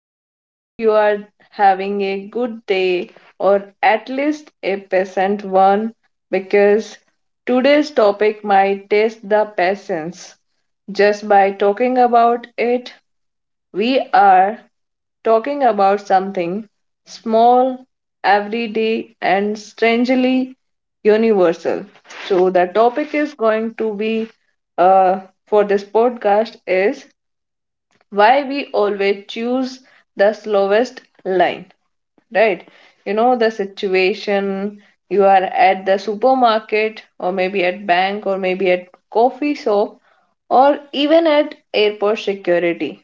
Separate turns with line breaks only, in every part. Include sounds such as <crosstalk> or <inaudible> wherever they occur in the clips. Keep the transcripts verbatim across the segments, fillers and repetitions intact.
I hope you are having a good day or at least a pleasant one because today's topic might test the patience just by talking about it we are talking about something small, everyday, and strangely universal. So, the topic is going to be uh, for this podcast is why we always choose the slowest line, right? You know, the situation you are at the supermarket, or maybe at bank, or maybe at coffee shop, or even at airport security.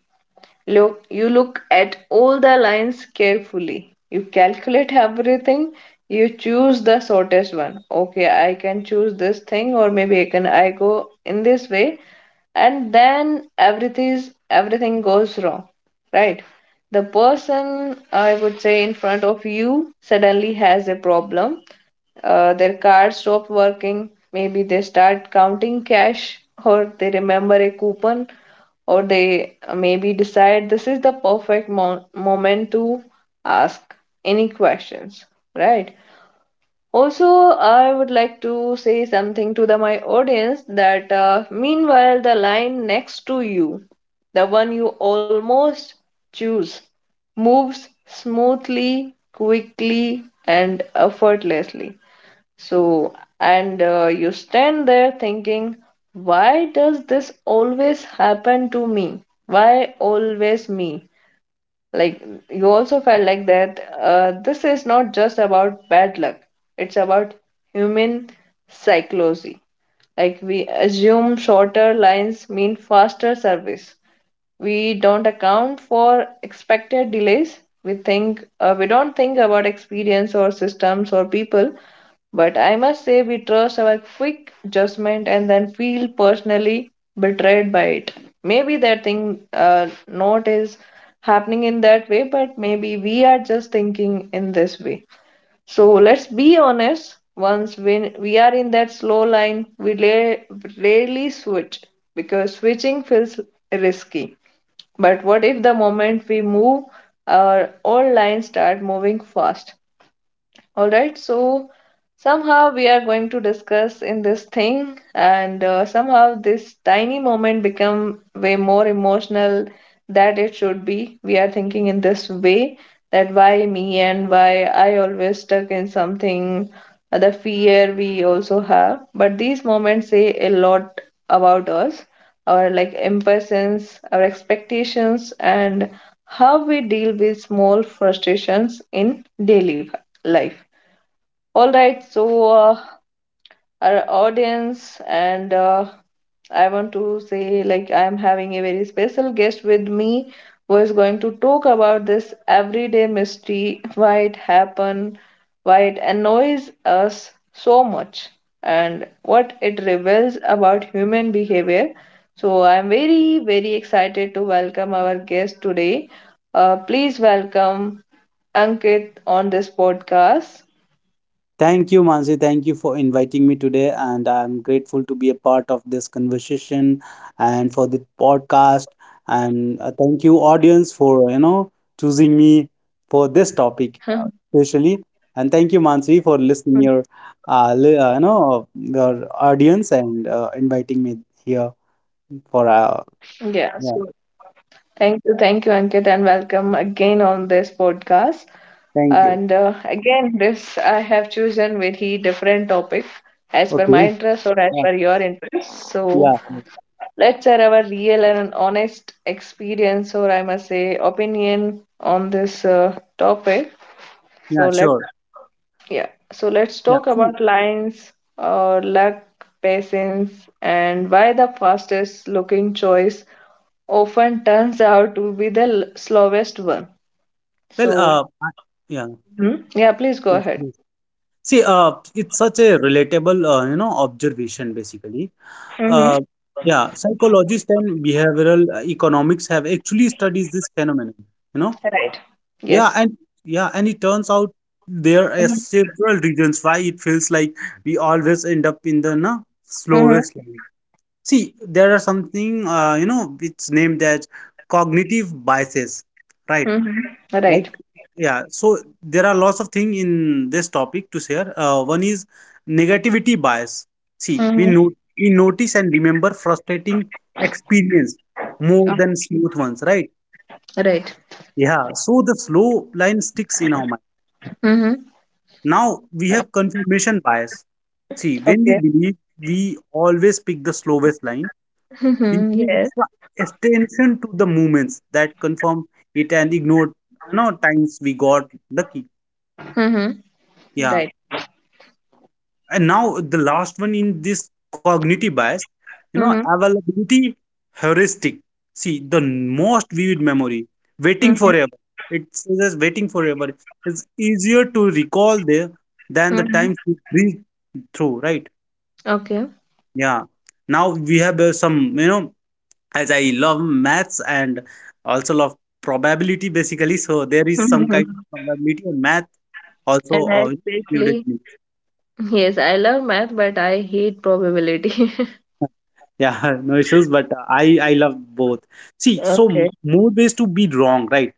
Look, you look at all the lines carefully. You calculate everything. You choose the shortest one. Okay, I can choose this thing, or maybe I can I go in this way, and then everything is everything goes wrong, right? The person I would say in front of you suddenly has a problem. Uh, their card stops working. Maybe they start counting cash or they remember a coupon or they uh, maybe decide this is the perfect mo- moment to ask any questions, right? Also, I would like to say something to the, my audience that uh, meanwhile, the line next to you, the one you almost choose, moves smoothly, quickly, and effortlessly. So, and uh, you stand there thinking, why does this always happen to me? Why always me? Like, you also felt like that uh, this is not just about bad luck, it's about human psychology. Like, we assume shorter lines mean faster service. We don't account for expected delays. We think uh, we don't think about experience or systems or people, but I must say, we trust our quick judgment and then feel personally betrayed by it. Maybe that thing uh, not is happening in that way, but maybe we are just thinking in this way. So let's be honest. Once when we are in that slow line, we la- rarely switch because switching feels risky. But what if the moment we move, our old lines start moving fast? All right, so somehow we are going to discuss in this thing, and uh, somehow this tiny moment become way more emotional that it should be. We are thinking in this way that why me and why I always stuck in something, uh, the fear we also have. But these moments say a lot about us, our like impatience, our expectations, and how we deal with small frustrations in daily life. All right, so uh, our audience, and uh, I want to say like I'm having a very special guest with me who is going to talk about this everyday mystery, why it happened, why it annoys us so much, and what it reveals about human behavior. So I'm very very excited to welcome our guest today. Uh, please welcome Ankit on this podcast.
Thank you, Mansi. Thank you for inviting me today, and I'm grateful to be a part of this conversation and for the podcast. And uh, thank you, audience, for you know choosing me for this topic, uh, especially. And thank you,
<laughs>
Mansi, for listening your uh, li- uh, you know your audience and uh, inviting me here for
Yeah,
uh,
so
yeah.
thank you, thank you, Ankit, and welcome again on this podcast. And uh,
Thank you.
again, this I have chosen very different topic as per my interest or
Okay.
as per your
Yeah.
interest. So
Yeah.
let's share our real and honest experience, or I must say, opinion on this uh, topic.
Yeah.
So let's
Sure.
yeah, so let's
Yeah.
talk
See,
about lines, uh, luck, patience, and why the fastest looking choice often turns out to be the l- slowest one.
well,
So,
uh, I-
mhm, yeah, please go
yeah.
ahead.
See, uh, it's such a relatable, uh, you know, observation basically.
Hmm.
Uh, yeah, psychologists and behavioral uh, economics have actually studies this phenomenon. You know,
Right.
yeah,
Yes.
and yeah, and it turns out there are
Hmm.
several reasons why it feels like we always end up in the na,
Hmm.
slowest lane. See, there are something, uh, you know, it's named as cognitive biases, right?
Hmm.
like
Right.
yeah so there are lots of things in this topic to share, uh, one is negativity bias. See, we
Hmm.
know we notice and remember frustrating experience more than smooth ones, right?
Right.
Yeah, so the slow line sticks in our mind.
Hmm.
Now we have confirmation bias. See, when we
Okay.
believe we always pick the slowest line, we
Hmm.
pay
Yes.
extra attention to the movements that confirm it and ignore you know times we got lucky.
Hmm.
Yeah.
Right.
And now the last one in this cognitive bias, you know,
Hmm.
availability heuristic. See, the most vivid memory, waiting
Hmm.
forever. It says as waiting forever. It's easier to recall there than the
Hmm.
times we breathe through, right?
Okay.
Yeah. Now we have uh, some, you know, as I love maths and also love probability basically. So there is some kind of
hmm
probability and math also
And I
uh, included
especially,
in.
yes, I love math, but I hate probability. <laughs>
Yeah, <laughs> no issues, but uh, I I love both. See, so
Okay.
m- more ways to be wrong, right?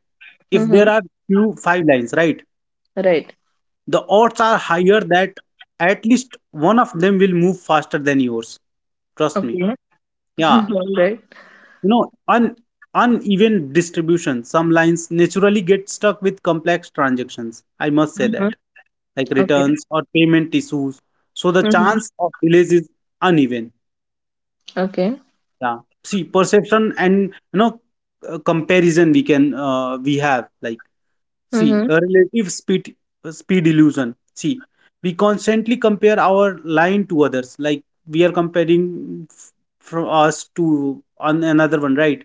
If
Hmm.
there are few five lines, right,
Right.
the odds are higher that at least one of them will move faster than yours. Trust me.
Okay.
Yeah,
<laughs> All right.
you know, un uneven distribution. Some lines naturally get stuck with complex transactions. I must say
Hmm.
that, like
Okay.
returns or payment issues. So the
Hmm.
chance of delays is uneven.
Okay.
Yeah. See, perception and you know uh, comparison we can uh, we have like see
Hmm.
a relative speed, uh, speed illusion. See, we constantly compare our line to others. Like we are comparing f- from us to on another one, right?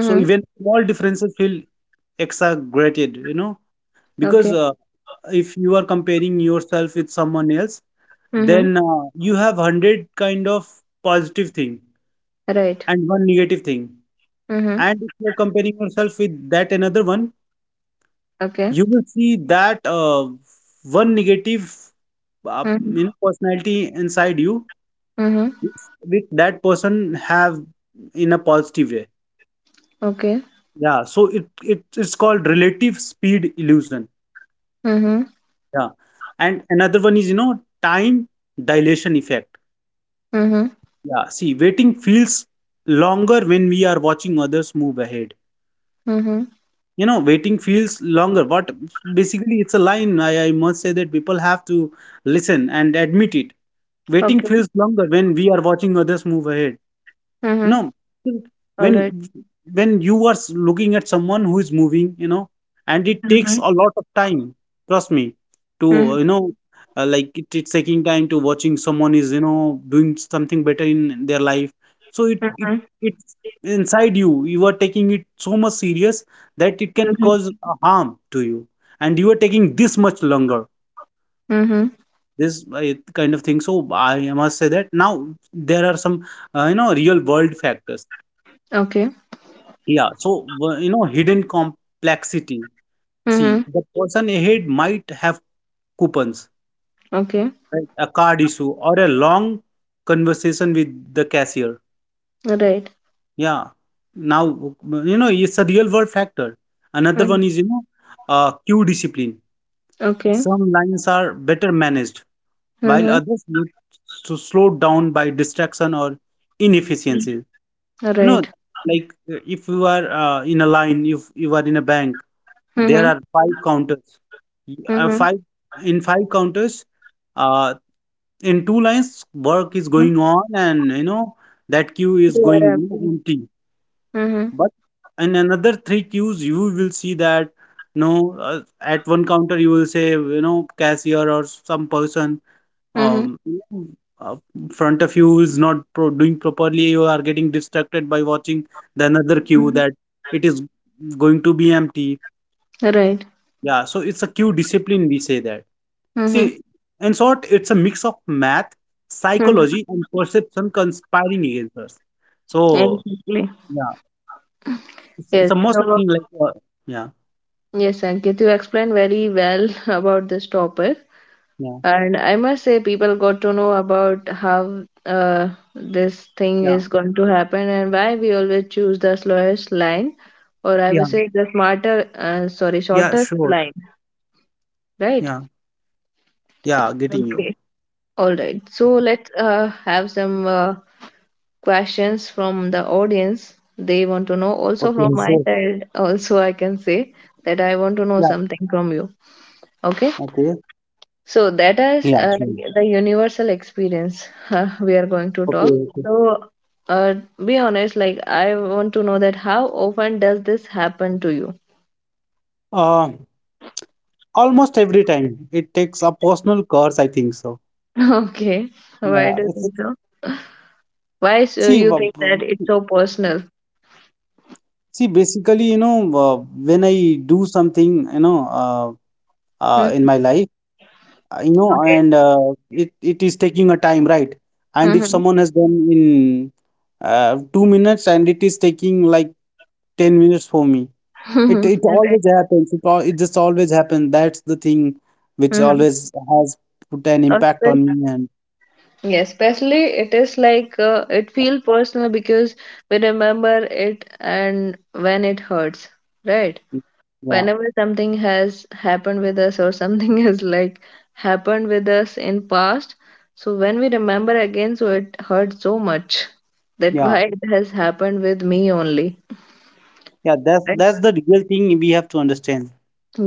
So even small differences feel exaggerated, you know, because
Okay.
uh, if you are comparing yourself with someone else,
Mm-hmm.
then uh, you have hundred kind of positive thing
Right.
and one negative thing,
Mm-hmm.
and if you're comparing yourself with that another one,
Okay.
you will see that uh, one negative, uh, you
Mm-hmm.
know, personality inside you,
Mm-hmm.
which which that person have in a positive way.
Okay.
Yeah. So it, it it's called relative speed illusion.
Mm-hmm.
Yeah. And another one is, you know, time dilation effect.
Mm-hmm.
Yeah. See, waiting feels longer when we are watching others move ahead.
Mm-hmm.
You know, waiting feels longer. What basically it's a line, I, I must say that people have to listen and admit it: waiting
Okay.
feels longer when we are watching others move ahead. No,
Mm-hmm. All right.
when when you are looking at someone who is moving, you know, and it takes
Mm-hmm.
a lot of time, trust me,
Mm-hmm.
to you know, uh, like it, it's taking time to watching someone is you know doing something better in their life. So it it
Mm-hmm.
it's inside you. You are taking it so much serious that it can
Mm-hmm.
cause a harm to you, and you are taking this much longer.
Mm-hmm.
This uh, kind of thing. So I must say that now there are some uh, you know real world factors.
Okay.
Yeah, so w- you know, hidden complexity. See,
Mm-hmm.
the person ahead might have coupons,
Okay.
right? A card issue or a long conversation with the cashier.
Right.
Yeah. Now, you know, it's a real world factor. Another
Mm-hmm.
one is, you know, uh, queue discipline.
Okay.
Some lines are better managed, while
Mm-hmm.
others need to slow down by distraction or inefficiency. You know,
Right.
like uh, if you are uh, in a line, if you are in a bank, there
Mm-hmm.
are five counters. Uh,
Mm-hmm.
five in five counters. Uh, in two lines, work is going on, and you know that queue is going
Yeah.
empty.
Mm-hmm.
But in another three queues, you will see that no, uh, at one counter you will say you know cashier or some person
Mm-hmm.
um uh, front of you is not pro doing properly. You are getting distracted by watching the another queue that it is going to be empty.
Right.
Yeah, so it's a queue discipline, we say that.
Mm-hmm.
See, in short, it's a mix of math,
Mm-hmm.
psychology, and perception conspiring against us. So,
Exactly.
yeah, it's, it's
Yes.
a most of
So,
thing like, uh, yeah,
yes, Ankit, you explained very well <laughs> about this topic.
yeah,
And I must say, people got to know about how uh, this thing
yeah,
is going to happen and why we always choose the slowest line, or I
yeah,
would say the smarter, uh, sorry,
yeah, sure,
shortest line,
yeah,
right?
yeah, getting you.
Okay. All right. So let's uh, have some uh, questions from the audience. They want to know. Also,
Okay,
from
so,
my side, also, I can say that I want to
yeah,
know something from you. Okay.
okay,
So that
yeah,
is uh,
sure,
like the universal experience <laughs> we are going to
okay,
talk.
okay.
So, uh, be honest, like I want to know that how often does this happen to you?
Uh, Almost every time it takes a personal curse, I think so.
<laughs> Okay, why
Yeah,
do you
it's,
think
it's
so? Why
see,
so
wa-
you think that
w-
it's so personal?
see, basically, you know, uh, when I do something, you know, uh,
Hmm.
uh, in my life. Uh, you know,
Okay.
and uh, it it is taking a time, right? And if someone has done in uh, two minutes, and it is taking like ten minutes for me. It
Mm-hmm.
it
<laughs> Okay.
always happens. It, al- it just always happens. That's the thing which
Mm-hmm.
always has put an impact on me and
Yes, especially it is like uh, it feel personal because we remember it and when it hurts, right?
yeah.
Whenever something has happened with us or something <laughs> has like happened with us in past, so when we remember again so it hurts so much <laughs> that why
Yeah.
it has happened with me only,
Yeah, that's that's
right?
the real thing we have to understand.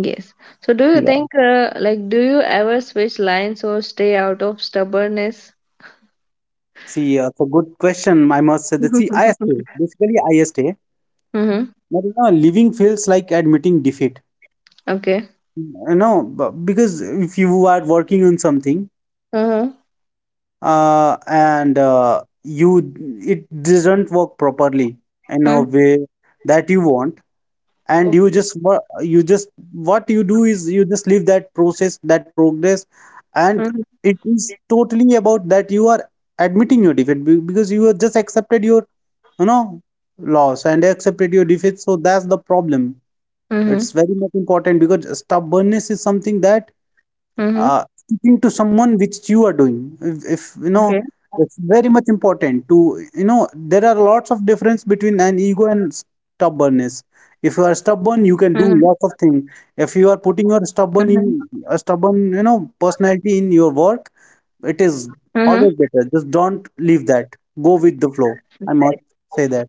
Yes, so do you
Yeah.
think uh, like do you ever switch lines or stay out of stubbornness?
See, uh, it's a good question, I must say
<laughs>
that. See, ISA,
Mm-hmm.
basically ISA, but you know, living feels like admitting defeat.
Okay.
Uh, No, b- because if you are working on something
Mm-hmm.
uh, and uh, you it doesn't work properly in a
Mm.
way that you want, and you
Okay.
just wo- you just what you do is you just leave that process, that progress, and
Mm-hmm.
it is totally about that you are admitting your defeat, be- because you have just accepted your you know loss and accepted your defeat. So that's the problem. It's
Mm-hmm.
very much important because stubbornness is something that uh, speaking to someone which you are doing, if, if you know
Okay.
it's very much important to you know there are lots of difference between an ego and stubbornness. If you are
Mm-hmm.
stubborn you can do lots of things. If you are
Mm-hmm.
putting your stubborn in a stubborn you know personality in your work, it is always better just don't leave that, go with the
Mm-hmm.
flow, I must say that.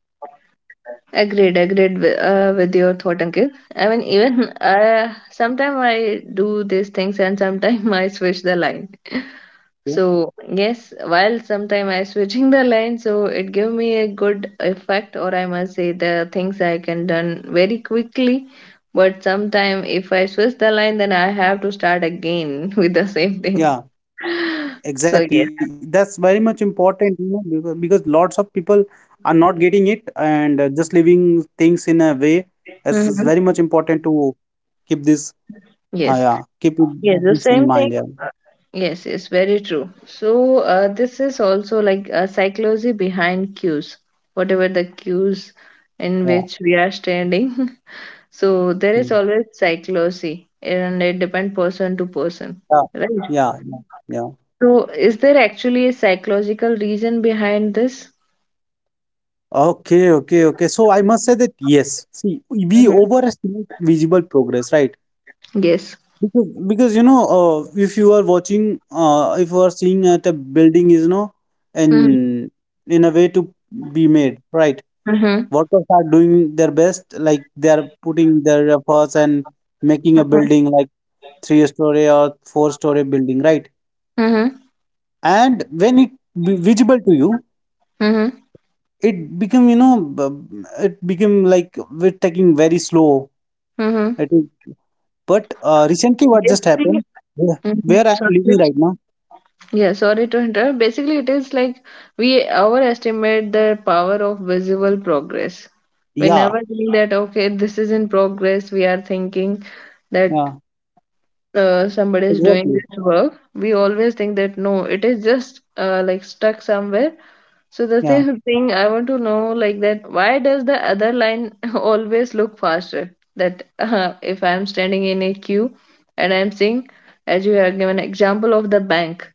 Agreed, agreed with, uh, with your thought, Ankit. I mean, even uh, sometimes I do these things and sometimes <laughs> I switch the line. So, yes, while sometimes I switching the line, so it give me a good effect, or I must say the things I can done very quickly. But sometime if I switch the line, then I have to start again <laughs> with the same thing.
Yeah.
So,
Exactly.
yes.
That's very much important, you know, because, because lots of people are not getting it and uh, just leaving things in a way. This is very
Mhm.
much important to keep this, uh,
Yes.
yeah, keep it,
Yes, the
this in
same thing.
mind. Yeah.
uh, Yes, yes, very true. So, uh, this is also like a psychology behind cues, whatever the cues in
Yeah.
which we are standing. <laughs> So, there is
Mm.
always psychology, and it depends person to person,
Yeah.
right?
Yeah. Yeah. Yeah.
So, is there actually a psychological reason behind this?
Okay, okay, okay. So I must say that yes, see, we
Mhm,
overestimate visible progress, right?
yes.
Because, because you know, uh, if you are watching, uh, if you are seeing at a building is, you know,
Mm-hmm.
and in a way to be made, right?
Mm-hmm.
Workers are doing their best, like they are putting their efforts and making a building like three-story or four-story building, right?
Mm-hmm.
And when it be visible to you,
Mm-hmm.
it become, you know, b- it become like we're taking very slow.
Mhm.
It is, but uh, recently, what just
Basically,
happened, where
mm-hmm,
where I'm living right now,
yeah, sorry to interrupt. Basically, it is like we overestimate the power of visible progress. We
yeah.
never think that, okay, this is in progress. We are thinking that
Yeah.
uh, somebody is doing
Exactly.
this work, we always think that no, it is just uh, like stuck somewhere. So the <laughs>
Yeah.
same thing I want to know like that why does the other line <laughs> always look faster? That uh, if I'm standing in a queue and I'm seeing, as you have given example of the bank,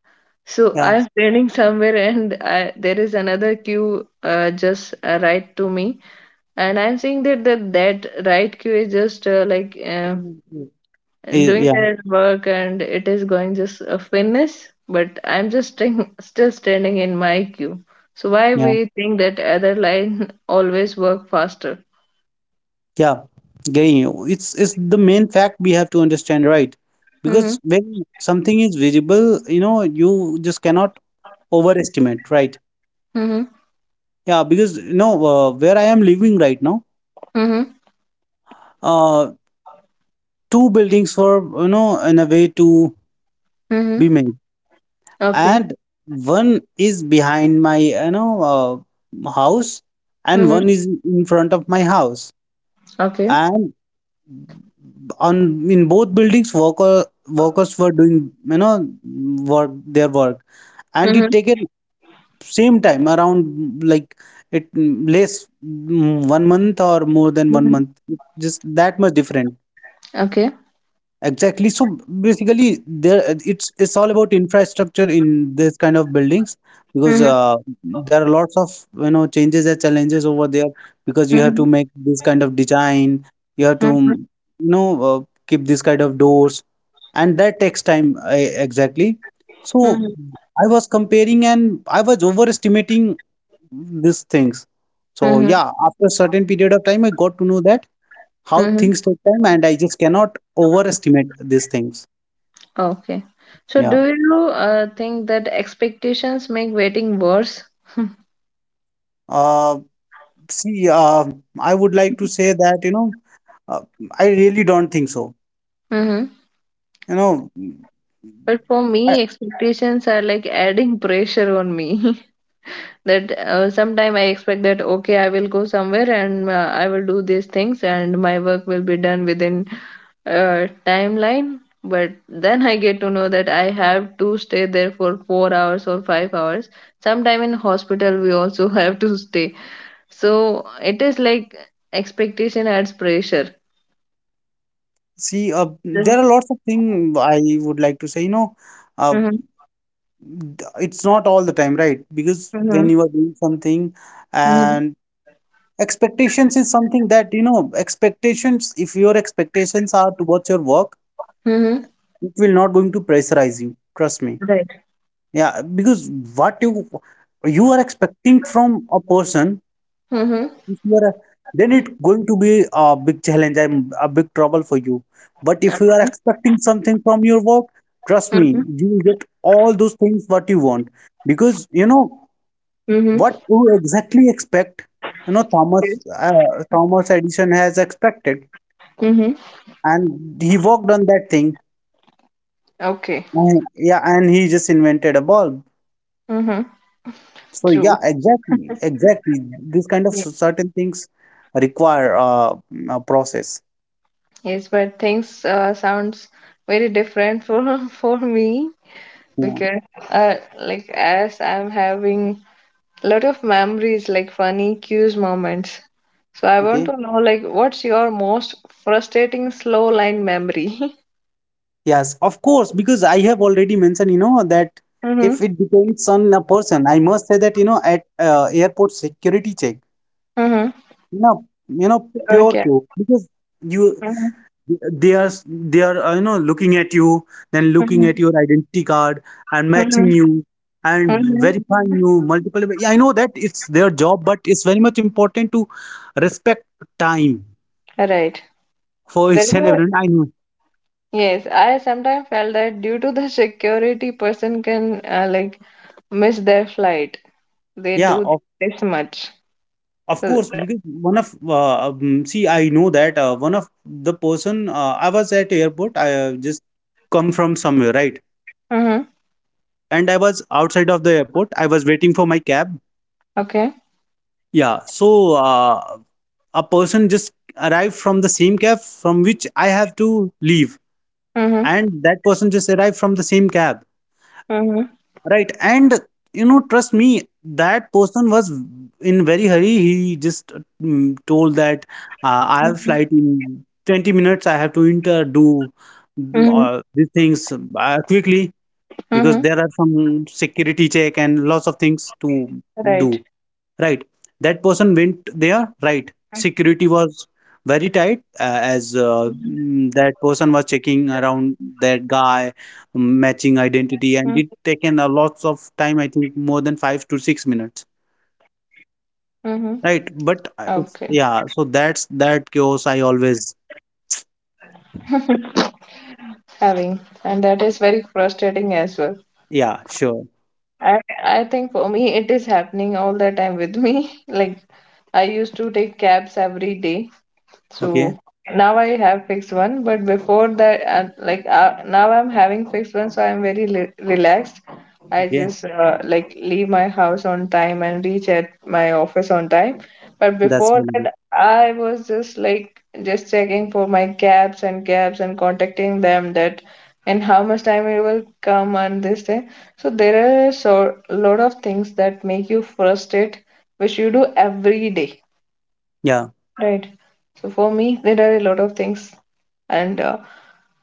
so
Yeah.
I'm standing <laughs> somewhere and I, there is another queue uh, just uh, right to me, and I'm seeing that that that right queue is just uh, like uh,
So, eh,
doing
yeah.
their work and it is going just a fitness, but I'm just staying, still standing in my queue. So why
Yeah.
we think that other line <laughs> always work faster?
Yeah. Getting you. It's it's the main fact we have to understand, right?
Mm-hmm.
Because when something is visible, you know, you just cannot overestimate, right?
Mm-hmm.
Yeah. Because you know uh, where I am living right now,
Mm-hmm.
uh, two buildings were you know in a way to be
Mm-hmm.
made,
Okay.
and one is behind my you know uh, house, and
Mm-hmm.
one is in front of my house.
Okay.
And on in both buildings worker workers were doing you know work their work and it
Mm-hmm.
taken same time around, like it mm, less mm, one month or more than one
Mm-hmm.
month just that much different.
Okay.
Exactly. So basically, there it's it's all about infrastructure in this kind of buildings because
Mm-hmm.
uh, there are lots of you know changes and challenges over there because you have
Mm-hmm.
to make this kind of design, you have to you know uh, keep this kind of doors, and that takes time, uh, exactly. So
Mm-hmm.
I was comparing and I was overestimating these things. So
Mm-hmm.
yeah, after a certain period of time, I got to know that how
Mm-hmm.
things take time, and I just cannot overestimate these things.
Okay. So
Yeah.
do you uh, think that expectations make waiting worse?
uh See, uh I would like to say that you know uh, I really don't think so
Mm-hmm.
you know
But for
I,
me, expectations are like adding pressure on me. <laughs> That uh, sometime I expect that okay I will go somewhere and uh, I will do these things and my work will be done within uh, timeline, but then I get to know that I have to stay there for four hours or five hours, sometime in hospital we also <laughs> have to stay, so it is like expectation adds pressure.
See, uh,
Mm-hmm,
there are lots of things I would like to say, you know uh,
mm-hmm,
d- it's not all the time, right? Because when you are doing something
mm-hmm,
and expectations is something that you know expectations, if your expectations are towards your work,
mm-hmm.
it will not going to pressurize you. Trust me.
Right.
Yeah, because what you you are expecting from a person,
Mm-hmm,
if you are, then it's going to be a big challenge and a big trouble for you. But if you are expecting something from your work, trust me,
mm-hmm,
you will get all those things what you want. Because you know
mm-hmm.
what you exactly expect. You know Thomas uh, Thomas Edison has expected,
Mm-hmm.
and he worked on that thing.
Okay.
And, yeah, and he just invented a bulb.
Mm-hmm.
So
True.
yeah, exactly, exactly. This kind of cer- certain things require uh, mm, a process.
Yes, but things uh, sounds very different for <laughs> for me
Yeah.
because uh, like as I'm having a lot of memories, like funny cues moments. So I want
Okay.
to know like what's your most frustrating slow line memory? <laughs>
Yes, of course, because I have already mentioned, you know, that if
Mm-hmm.
it depends on a person, I must say that, you know, at uh, airport security check,
Mm-hmm.
you know, you know, pure
Okay.
chaos because you
Mm-hmm.
they are s- they are uh, you know looking at you, then looking
Mm-hmm.
at your identity card, and matching
Mm-hmm.
you, and
Mm-hmm.
verifying you multiple way. Yeah, I know that it's their job, but it's very much important to respect time
Right.
for
That
each and
is,
everyone I know.
yes, I sometimes felt that due to the security person can uh, like miss their flight. They
Yeah
do
of,
this much.
of
So,
course, because one of uh, um, see, I know that uh, one of the person, uh, I was at airport, I uh, just come from somewhere, right?
mhm.
And I was outside of the airport, I was waiting for my cab.
Okay.
Yeah, so uh, a person just arrived from the same cab from which I have to leave,
Mhm.
and that person just arrived from the same cab,
Mhm.
right? And you know, trust me, that person was in very hurry. He just mm, told that uh, I have
Mhm.
flight in twenty minutes. I have to enter do mm,
Mhm.
uh, these things uh, quickly, because
Mhm.
there are some security check and lots of things to
Right.
do, right? That person went there, right? Security was very tight, uh, as
Mhm.
uh, mm, that person was checking around that guy, mm, matching identity, and it taken a lots of time. I think more than five to six minutes,
Mhm.
right?
Okay.
But uh, it's, yeah, so that's that chaos I always.
<laughs> Having, and that is very frustrating as well.
Yeah, sure.
I I think for me it is happening all the time with me. <laughs> Like I used to take cabs every day. So
Okay.
now I have fixed one, but before that, uh, like uh, now I'm having fixed one, so I'm very li relaxed. I
Okay,
just uh, like leave my house on time and reach at my office on time. But
that's
before
really good.
that, I was just like just checking for my cabs and cabs and contacting them that and how much time it will come and this thing. So there are so lot of things that make you frustrated, which you do every day,
Yeah,
right? So for me, there are a lot of things, and uh,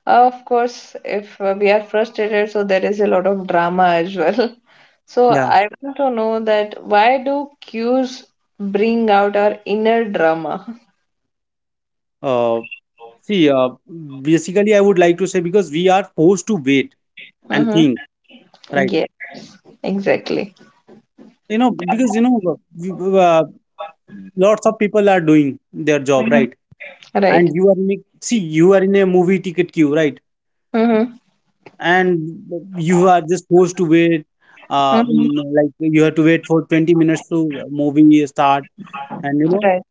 of course, if uh, we are frustrated, so there is a lot of drama as well. <laughs> So
yeah.
I want to know that why do cues bring out our inner drama?
uh See, uh, basically, I would like to say, because we are forced to wait and
Mm-hmm.
think, right?
Yeah, exactly.
You know, because you know, uh, we- uh, lots of people are doing their job, right? And
Right.
you are in a, see, you are in a movie ticket queue, right?
Mm-hmm.
And you are just forced to wait. Uh,
Mm-hmm.
mm, like you have to wait for twenty minutes to the movie start, and you know,
Right.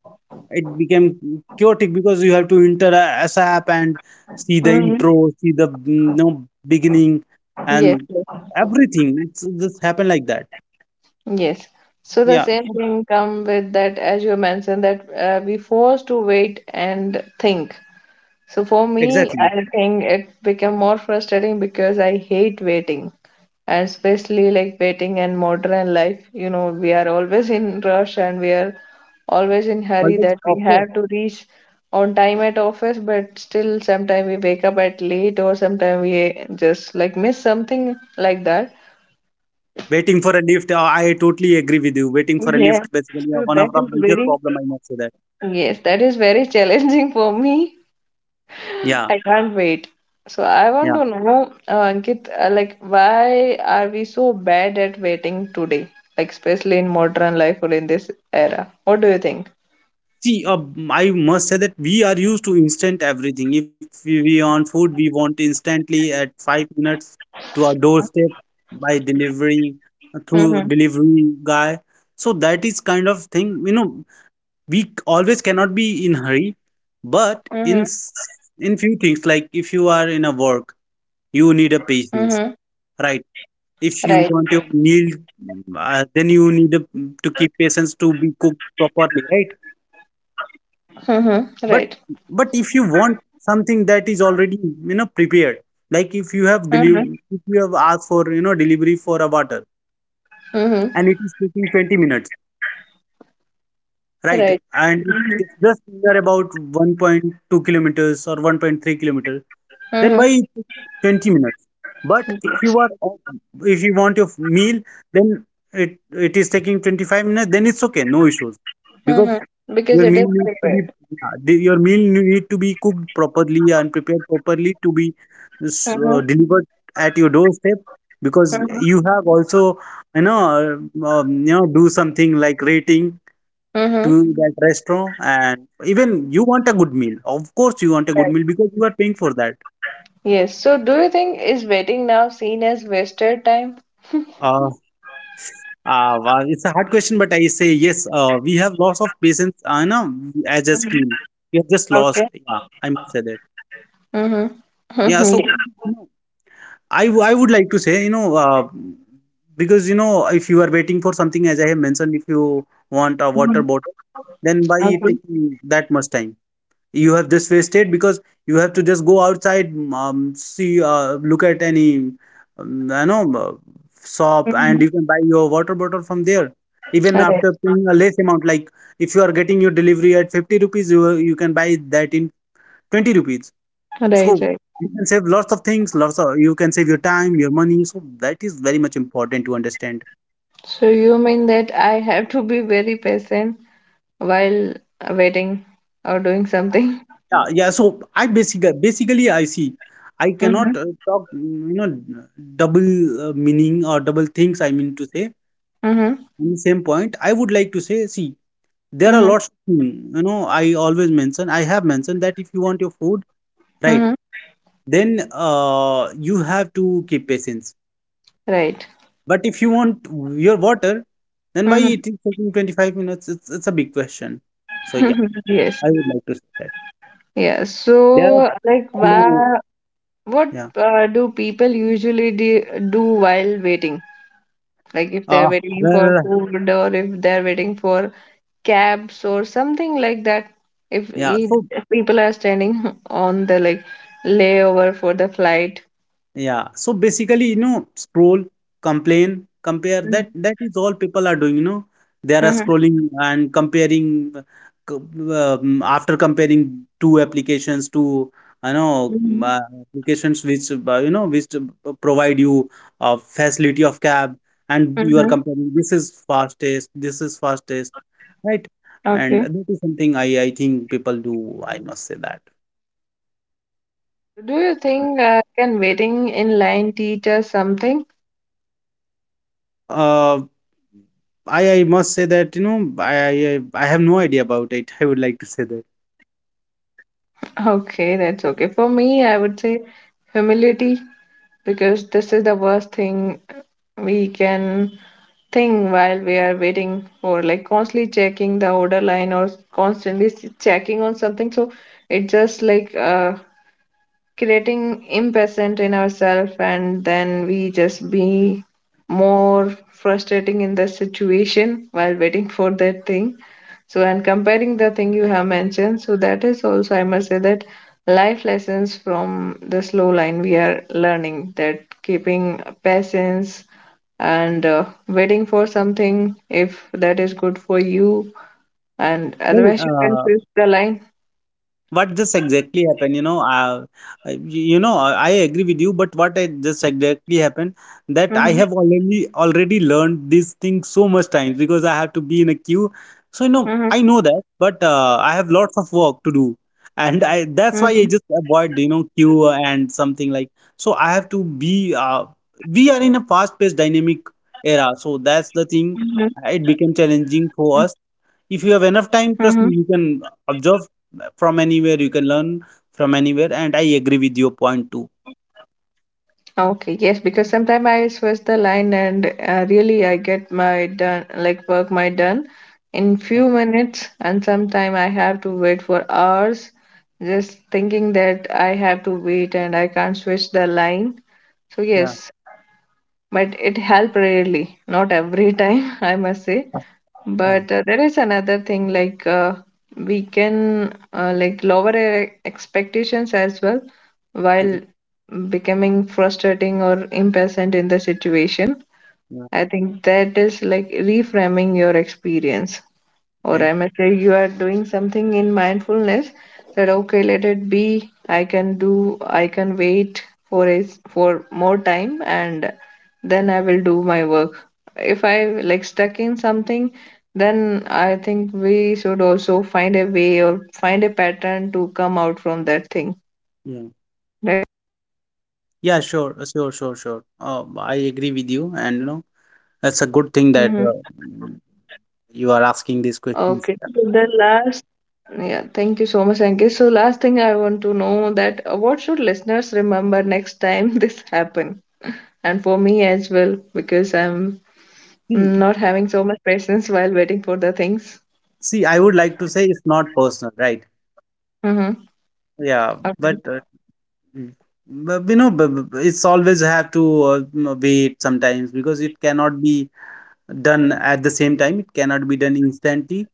it became chaotic because you have to enter a SAP and see the
Mm-hmm.
intro, see the mm, you know, beginning,
Yes.
and
Yes.
everything. It's just happened like that.
Yes. So the
Yeah,
same
so-
thing come with that, as you mentioned, that uh, we forced to wait and think. So for me,
exactly.
I think it became more frustrating because I hate waiting. And especially like waiting in modern life, you know, we are always in rush and we are always in hurry that we
Multiple,
have to reach on time at office, but still sometimes we wake up at late or sometimes we just like miss something like that.
waiting for a lift, uh, I totally agree with you. Waiting for a
Yeah.
lift, basically, uh,
So
one of
that
the
is
major
very
problem I must say that.
yes, that is very <laughs> challenging for me.
Yeah,
I can't wait. So I want
yeah.
to know, uh, Ankit, uh, like, why are we so bad at waiting today? Like, especially in modern life or in this era. What do you think?
See, uh, I must say that we are used to instant everything. If we, we want food, we want instantly at five minutes to our doorstep by delivery uh, through
Mm-hmm.
delivery guy. So that is kind of thing. You know, we c- always cannot be in hurry,
Mm-hmm.
but in s- in few things, like if you are in a work, you
Mm-hmm.
need a patience, right?
Right.
If you want your meal, uh, then you need a, to keep patience to be cooked properly, right?
Mm-hmm. Right.
But but if you want something that is already you know prepared, like if
Mm-hmm.
you have deliver, if you have asked for you know delivery for a water,
Mm-hmm.
and it is taking twenty minutes, right?
Right.
And
Mm-hmm.
it- it's just near about one point two kilometers or one point three kilometers. Then why it took twenty minutes? But if you
Mm-hmm.
are, if you want your meal, then it it is taking twenty-five minutes, then it's okay, no issues. Because
Mm-hmm. Because
your
it is
meal needs to be,
prepared.
yeah, the- your meal need to be cooked properly and prepared properly to be
Mm-hmm.
uh, delivered at your doorstep, because
Mm-hmm.
you have also you know um, you know do something like rating
Mm-hmm.
to that restaurant, and even you want a good meal. Of course you want a good
Right.
meal because you are paying for that.
Yes. So do you think is waiting now seen as wasted time?
uh, Uh, wow, it's a hard question, but I say yes. Uh, we have loss of patience, uh, you know, as a
Mhm.
skill. We have just
Okay.
lost. Yeah, I must say that.
Mm-hmm.
Yeah, so
<laughs>
you know, I w- I would like to say, you know, uh, because you know, if you are waiting for something, as I have mentioned, if you want a water
Mm-hmm.
bottle, then by taking that much time, you have this wasted, because you have to just go outside um, see uh, look at any um, you know uh, shop, and
Mhm.
you can buy your water bottle from there even
Right,
after paying a less amount, like if you are getting your delivery at fifty rupees, you you can buy that in twenty rupees.
right,
So
right.
you can save lots of things, lots of, you can save your time, your money, so that is very much important to understand.
So you mean that I have to be very patient while waiting or doing something?
Yeah, yeah. So I basically, basically, I see. I
Mm-hmm.
cannot uh, talk, mm, you know, double uh, meaning or double things. I mean to say
Mm-hmm.
on the same point. I would like to say, see, there are
Mm-hmm.
lots of things. You know, I always mention. I have mentioned that if you want your food, right,
Mm-hmm.
then uh, you have to keep patience.
Right.
But if you want your water, then why
Mm-hmm.
it is taking twenty-five minutes? It's it's a big question. So yeah,
<laughs> Yes.
I would like to say that.
Yeah.
There are
So, like,
two.
wha- what
Yeah.
uh, do people usually de do while waiting? Like, if they're
Uh,
waiting for
well,
food or if they're waiting for cabs or something like that. If,
yeah.
if
So
people are standing <laughs> on the like layover for the flight.
yeah. So basically, you know, scroll, complain, compare.
Mhm,
That that is all people are doing. You know, they are
mhm,
scrolling and comparing. uh, co- Um, after comparing two applications, to you know m-
mhm,
uh, applications which uh, you know which uh, provide you a facility of cab, and you are
mhm.
comparing. This is fastest. This is fastest, right? And
Okay.
that is something I I think people do. I must say that.
Do you think uh, can waiting in line teach us something?
Uh, I I must say that, you know, I I I have no idea about it. <laughs> I would like to say that.
Okay, that's okay. For me, I would say humility because this is the worst thing we can think while we are waiting for, like constantly checking the order line or constantly s- checking on something. So it just like uh, creating impatient in ourselves, and then we just be more frustrating in the situation while waiting for that thing. So, and comparing the thing you have mentioned, so that is also I must say that life lessons from the slow line, we are learning that keeping patience and uh, waiting for something, if that is good for you, and
Well,
otherwise you can
uh,
switch the line.
What just exactly happened, you know, uh, uh, y- you know, I I agree with you, but what I just exactly happened, that I
Mhm,
have already already learned these things so much times because I have to be in a queue. So, you
mhm,
know, I know that, but uh, I have lots of work to do, and I
mhm,
that's why I just avoid, you know, queue and something like. So I have to be. Uh, we are in a fast-paced, dynamic era, so
mhm,
that's the thing. It became
mhm,
challenging for us. If you have
mhm.
enough time, trust me, you can observe from anywhere, you can learn from anywhere, and I agree with your point too.
Okay, yes, because sometimes I switch the line and uh, really I get my done like work my done in few minutes, and sometimes I have to wait for hours just thinking that I have to wait and I can't switch the line. So
Yeah,
yes, but it help rarely, not every time. <laughs> I must say.
yeah.
But uh, there is another thing like uh, we can uh, like lower our expectations as well while
Okay.
becoming frustrating or impatient in the situation.
Yeah.
I think that is like reframing your experience, or
Okay.
I must say you are doing something in mindfulness, that okay, let it be. I can do. I can wait for a s- for more time, and then I will do my work. If I like stuck in something, then I think we should also find a way or find a pattern to come out from that thing.
Yeah, yeah, sure, uh, sure, sure, sure, uh, I agree with you, and you know that's a good thing that
Hmm.
uh, you are asking these
Okay.
questions. Yeah.
So the last, yeah, thank you so much, Ankit. So last thing I want to know that uh, what should listeners remember next time <laughs> this happen? And for me as well because I'm
see
not having so much patience while waiting for the things.
See, I would like to say it's not personal, right?
Mm-hmm.
Yeah. but uh,
Okay.
mm, but, you know, but, but it's always have to uh, m- wait sometimes, because it cannot be done at the same time, it cannot be done instantly.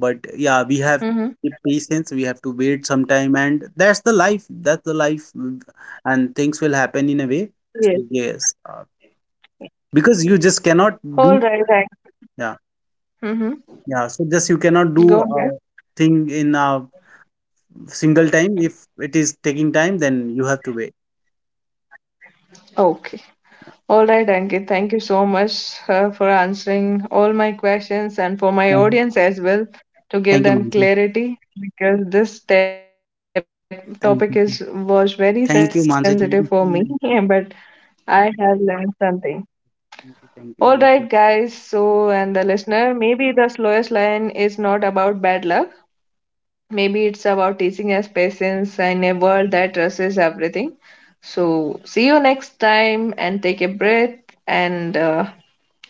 But yeah, we have
Mm-hmm.
the patience, we have to wait some time, and that's the life, that's the life, mm, and things will happen in a way.
Yes.
So yes, uh, because you just cannot
All
do.
right. Thank.
Yeah.
Mm-hmm.
Yeah, so just you cannot do
Go
a
ahead.
thing in a single time. If it is taking time, then you have to wait.
Okay. All right, Ankit. Thank you so much uh, for answering all my questions and for
Mhm.
my audience as well
Thank you,
to
Mansi.
give them clarity because this tap
Thank you,
topic is was
thank
very
you, Mansi. Thank
sensitive
you so
for me,
much.
<laughs> but I have learned something.
Thank you, thank you, Mansi.
All right, guys. So, and the listener, maybe the slowest line is not about bad luck. Maybe it's about teaching us patience in a world that rushes everything. So, see you next time and take a breath and uh,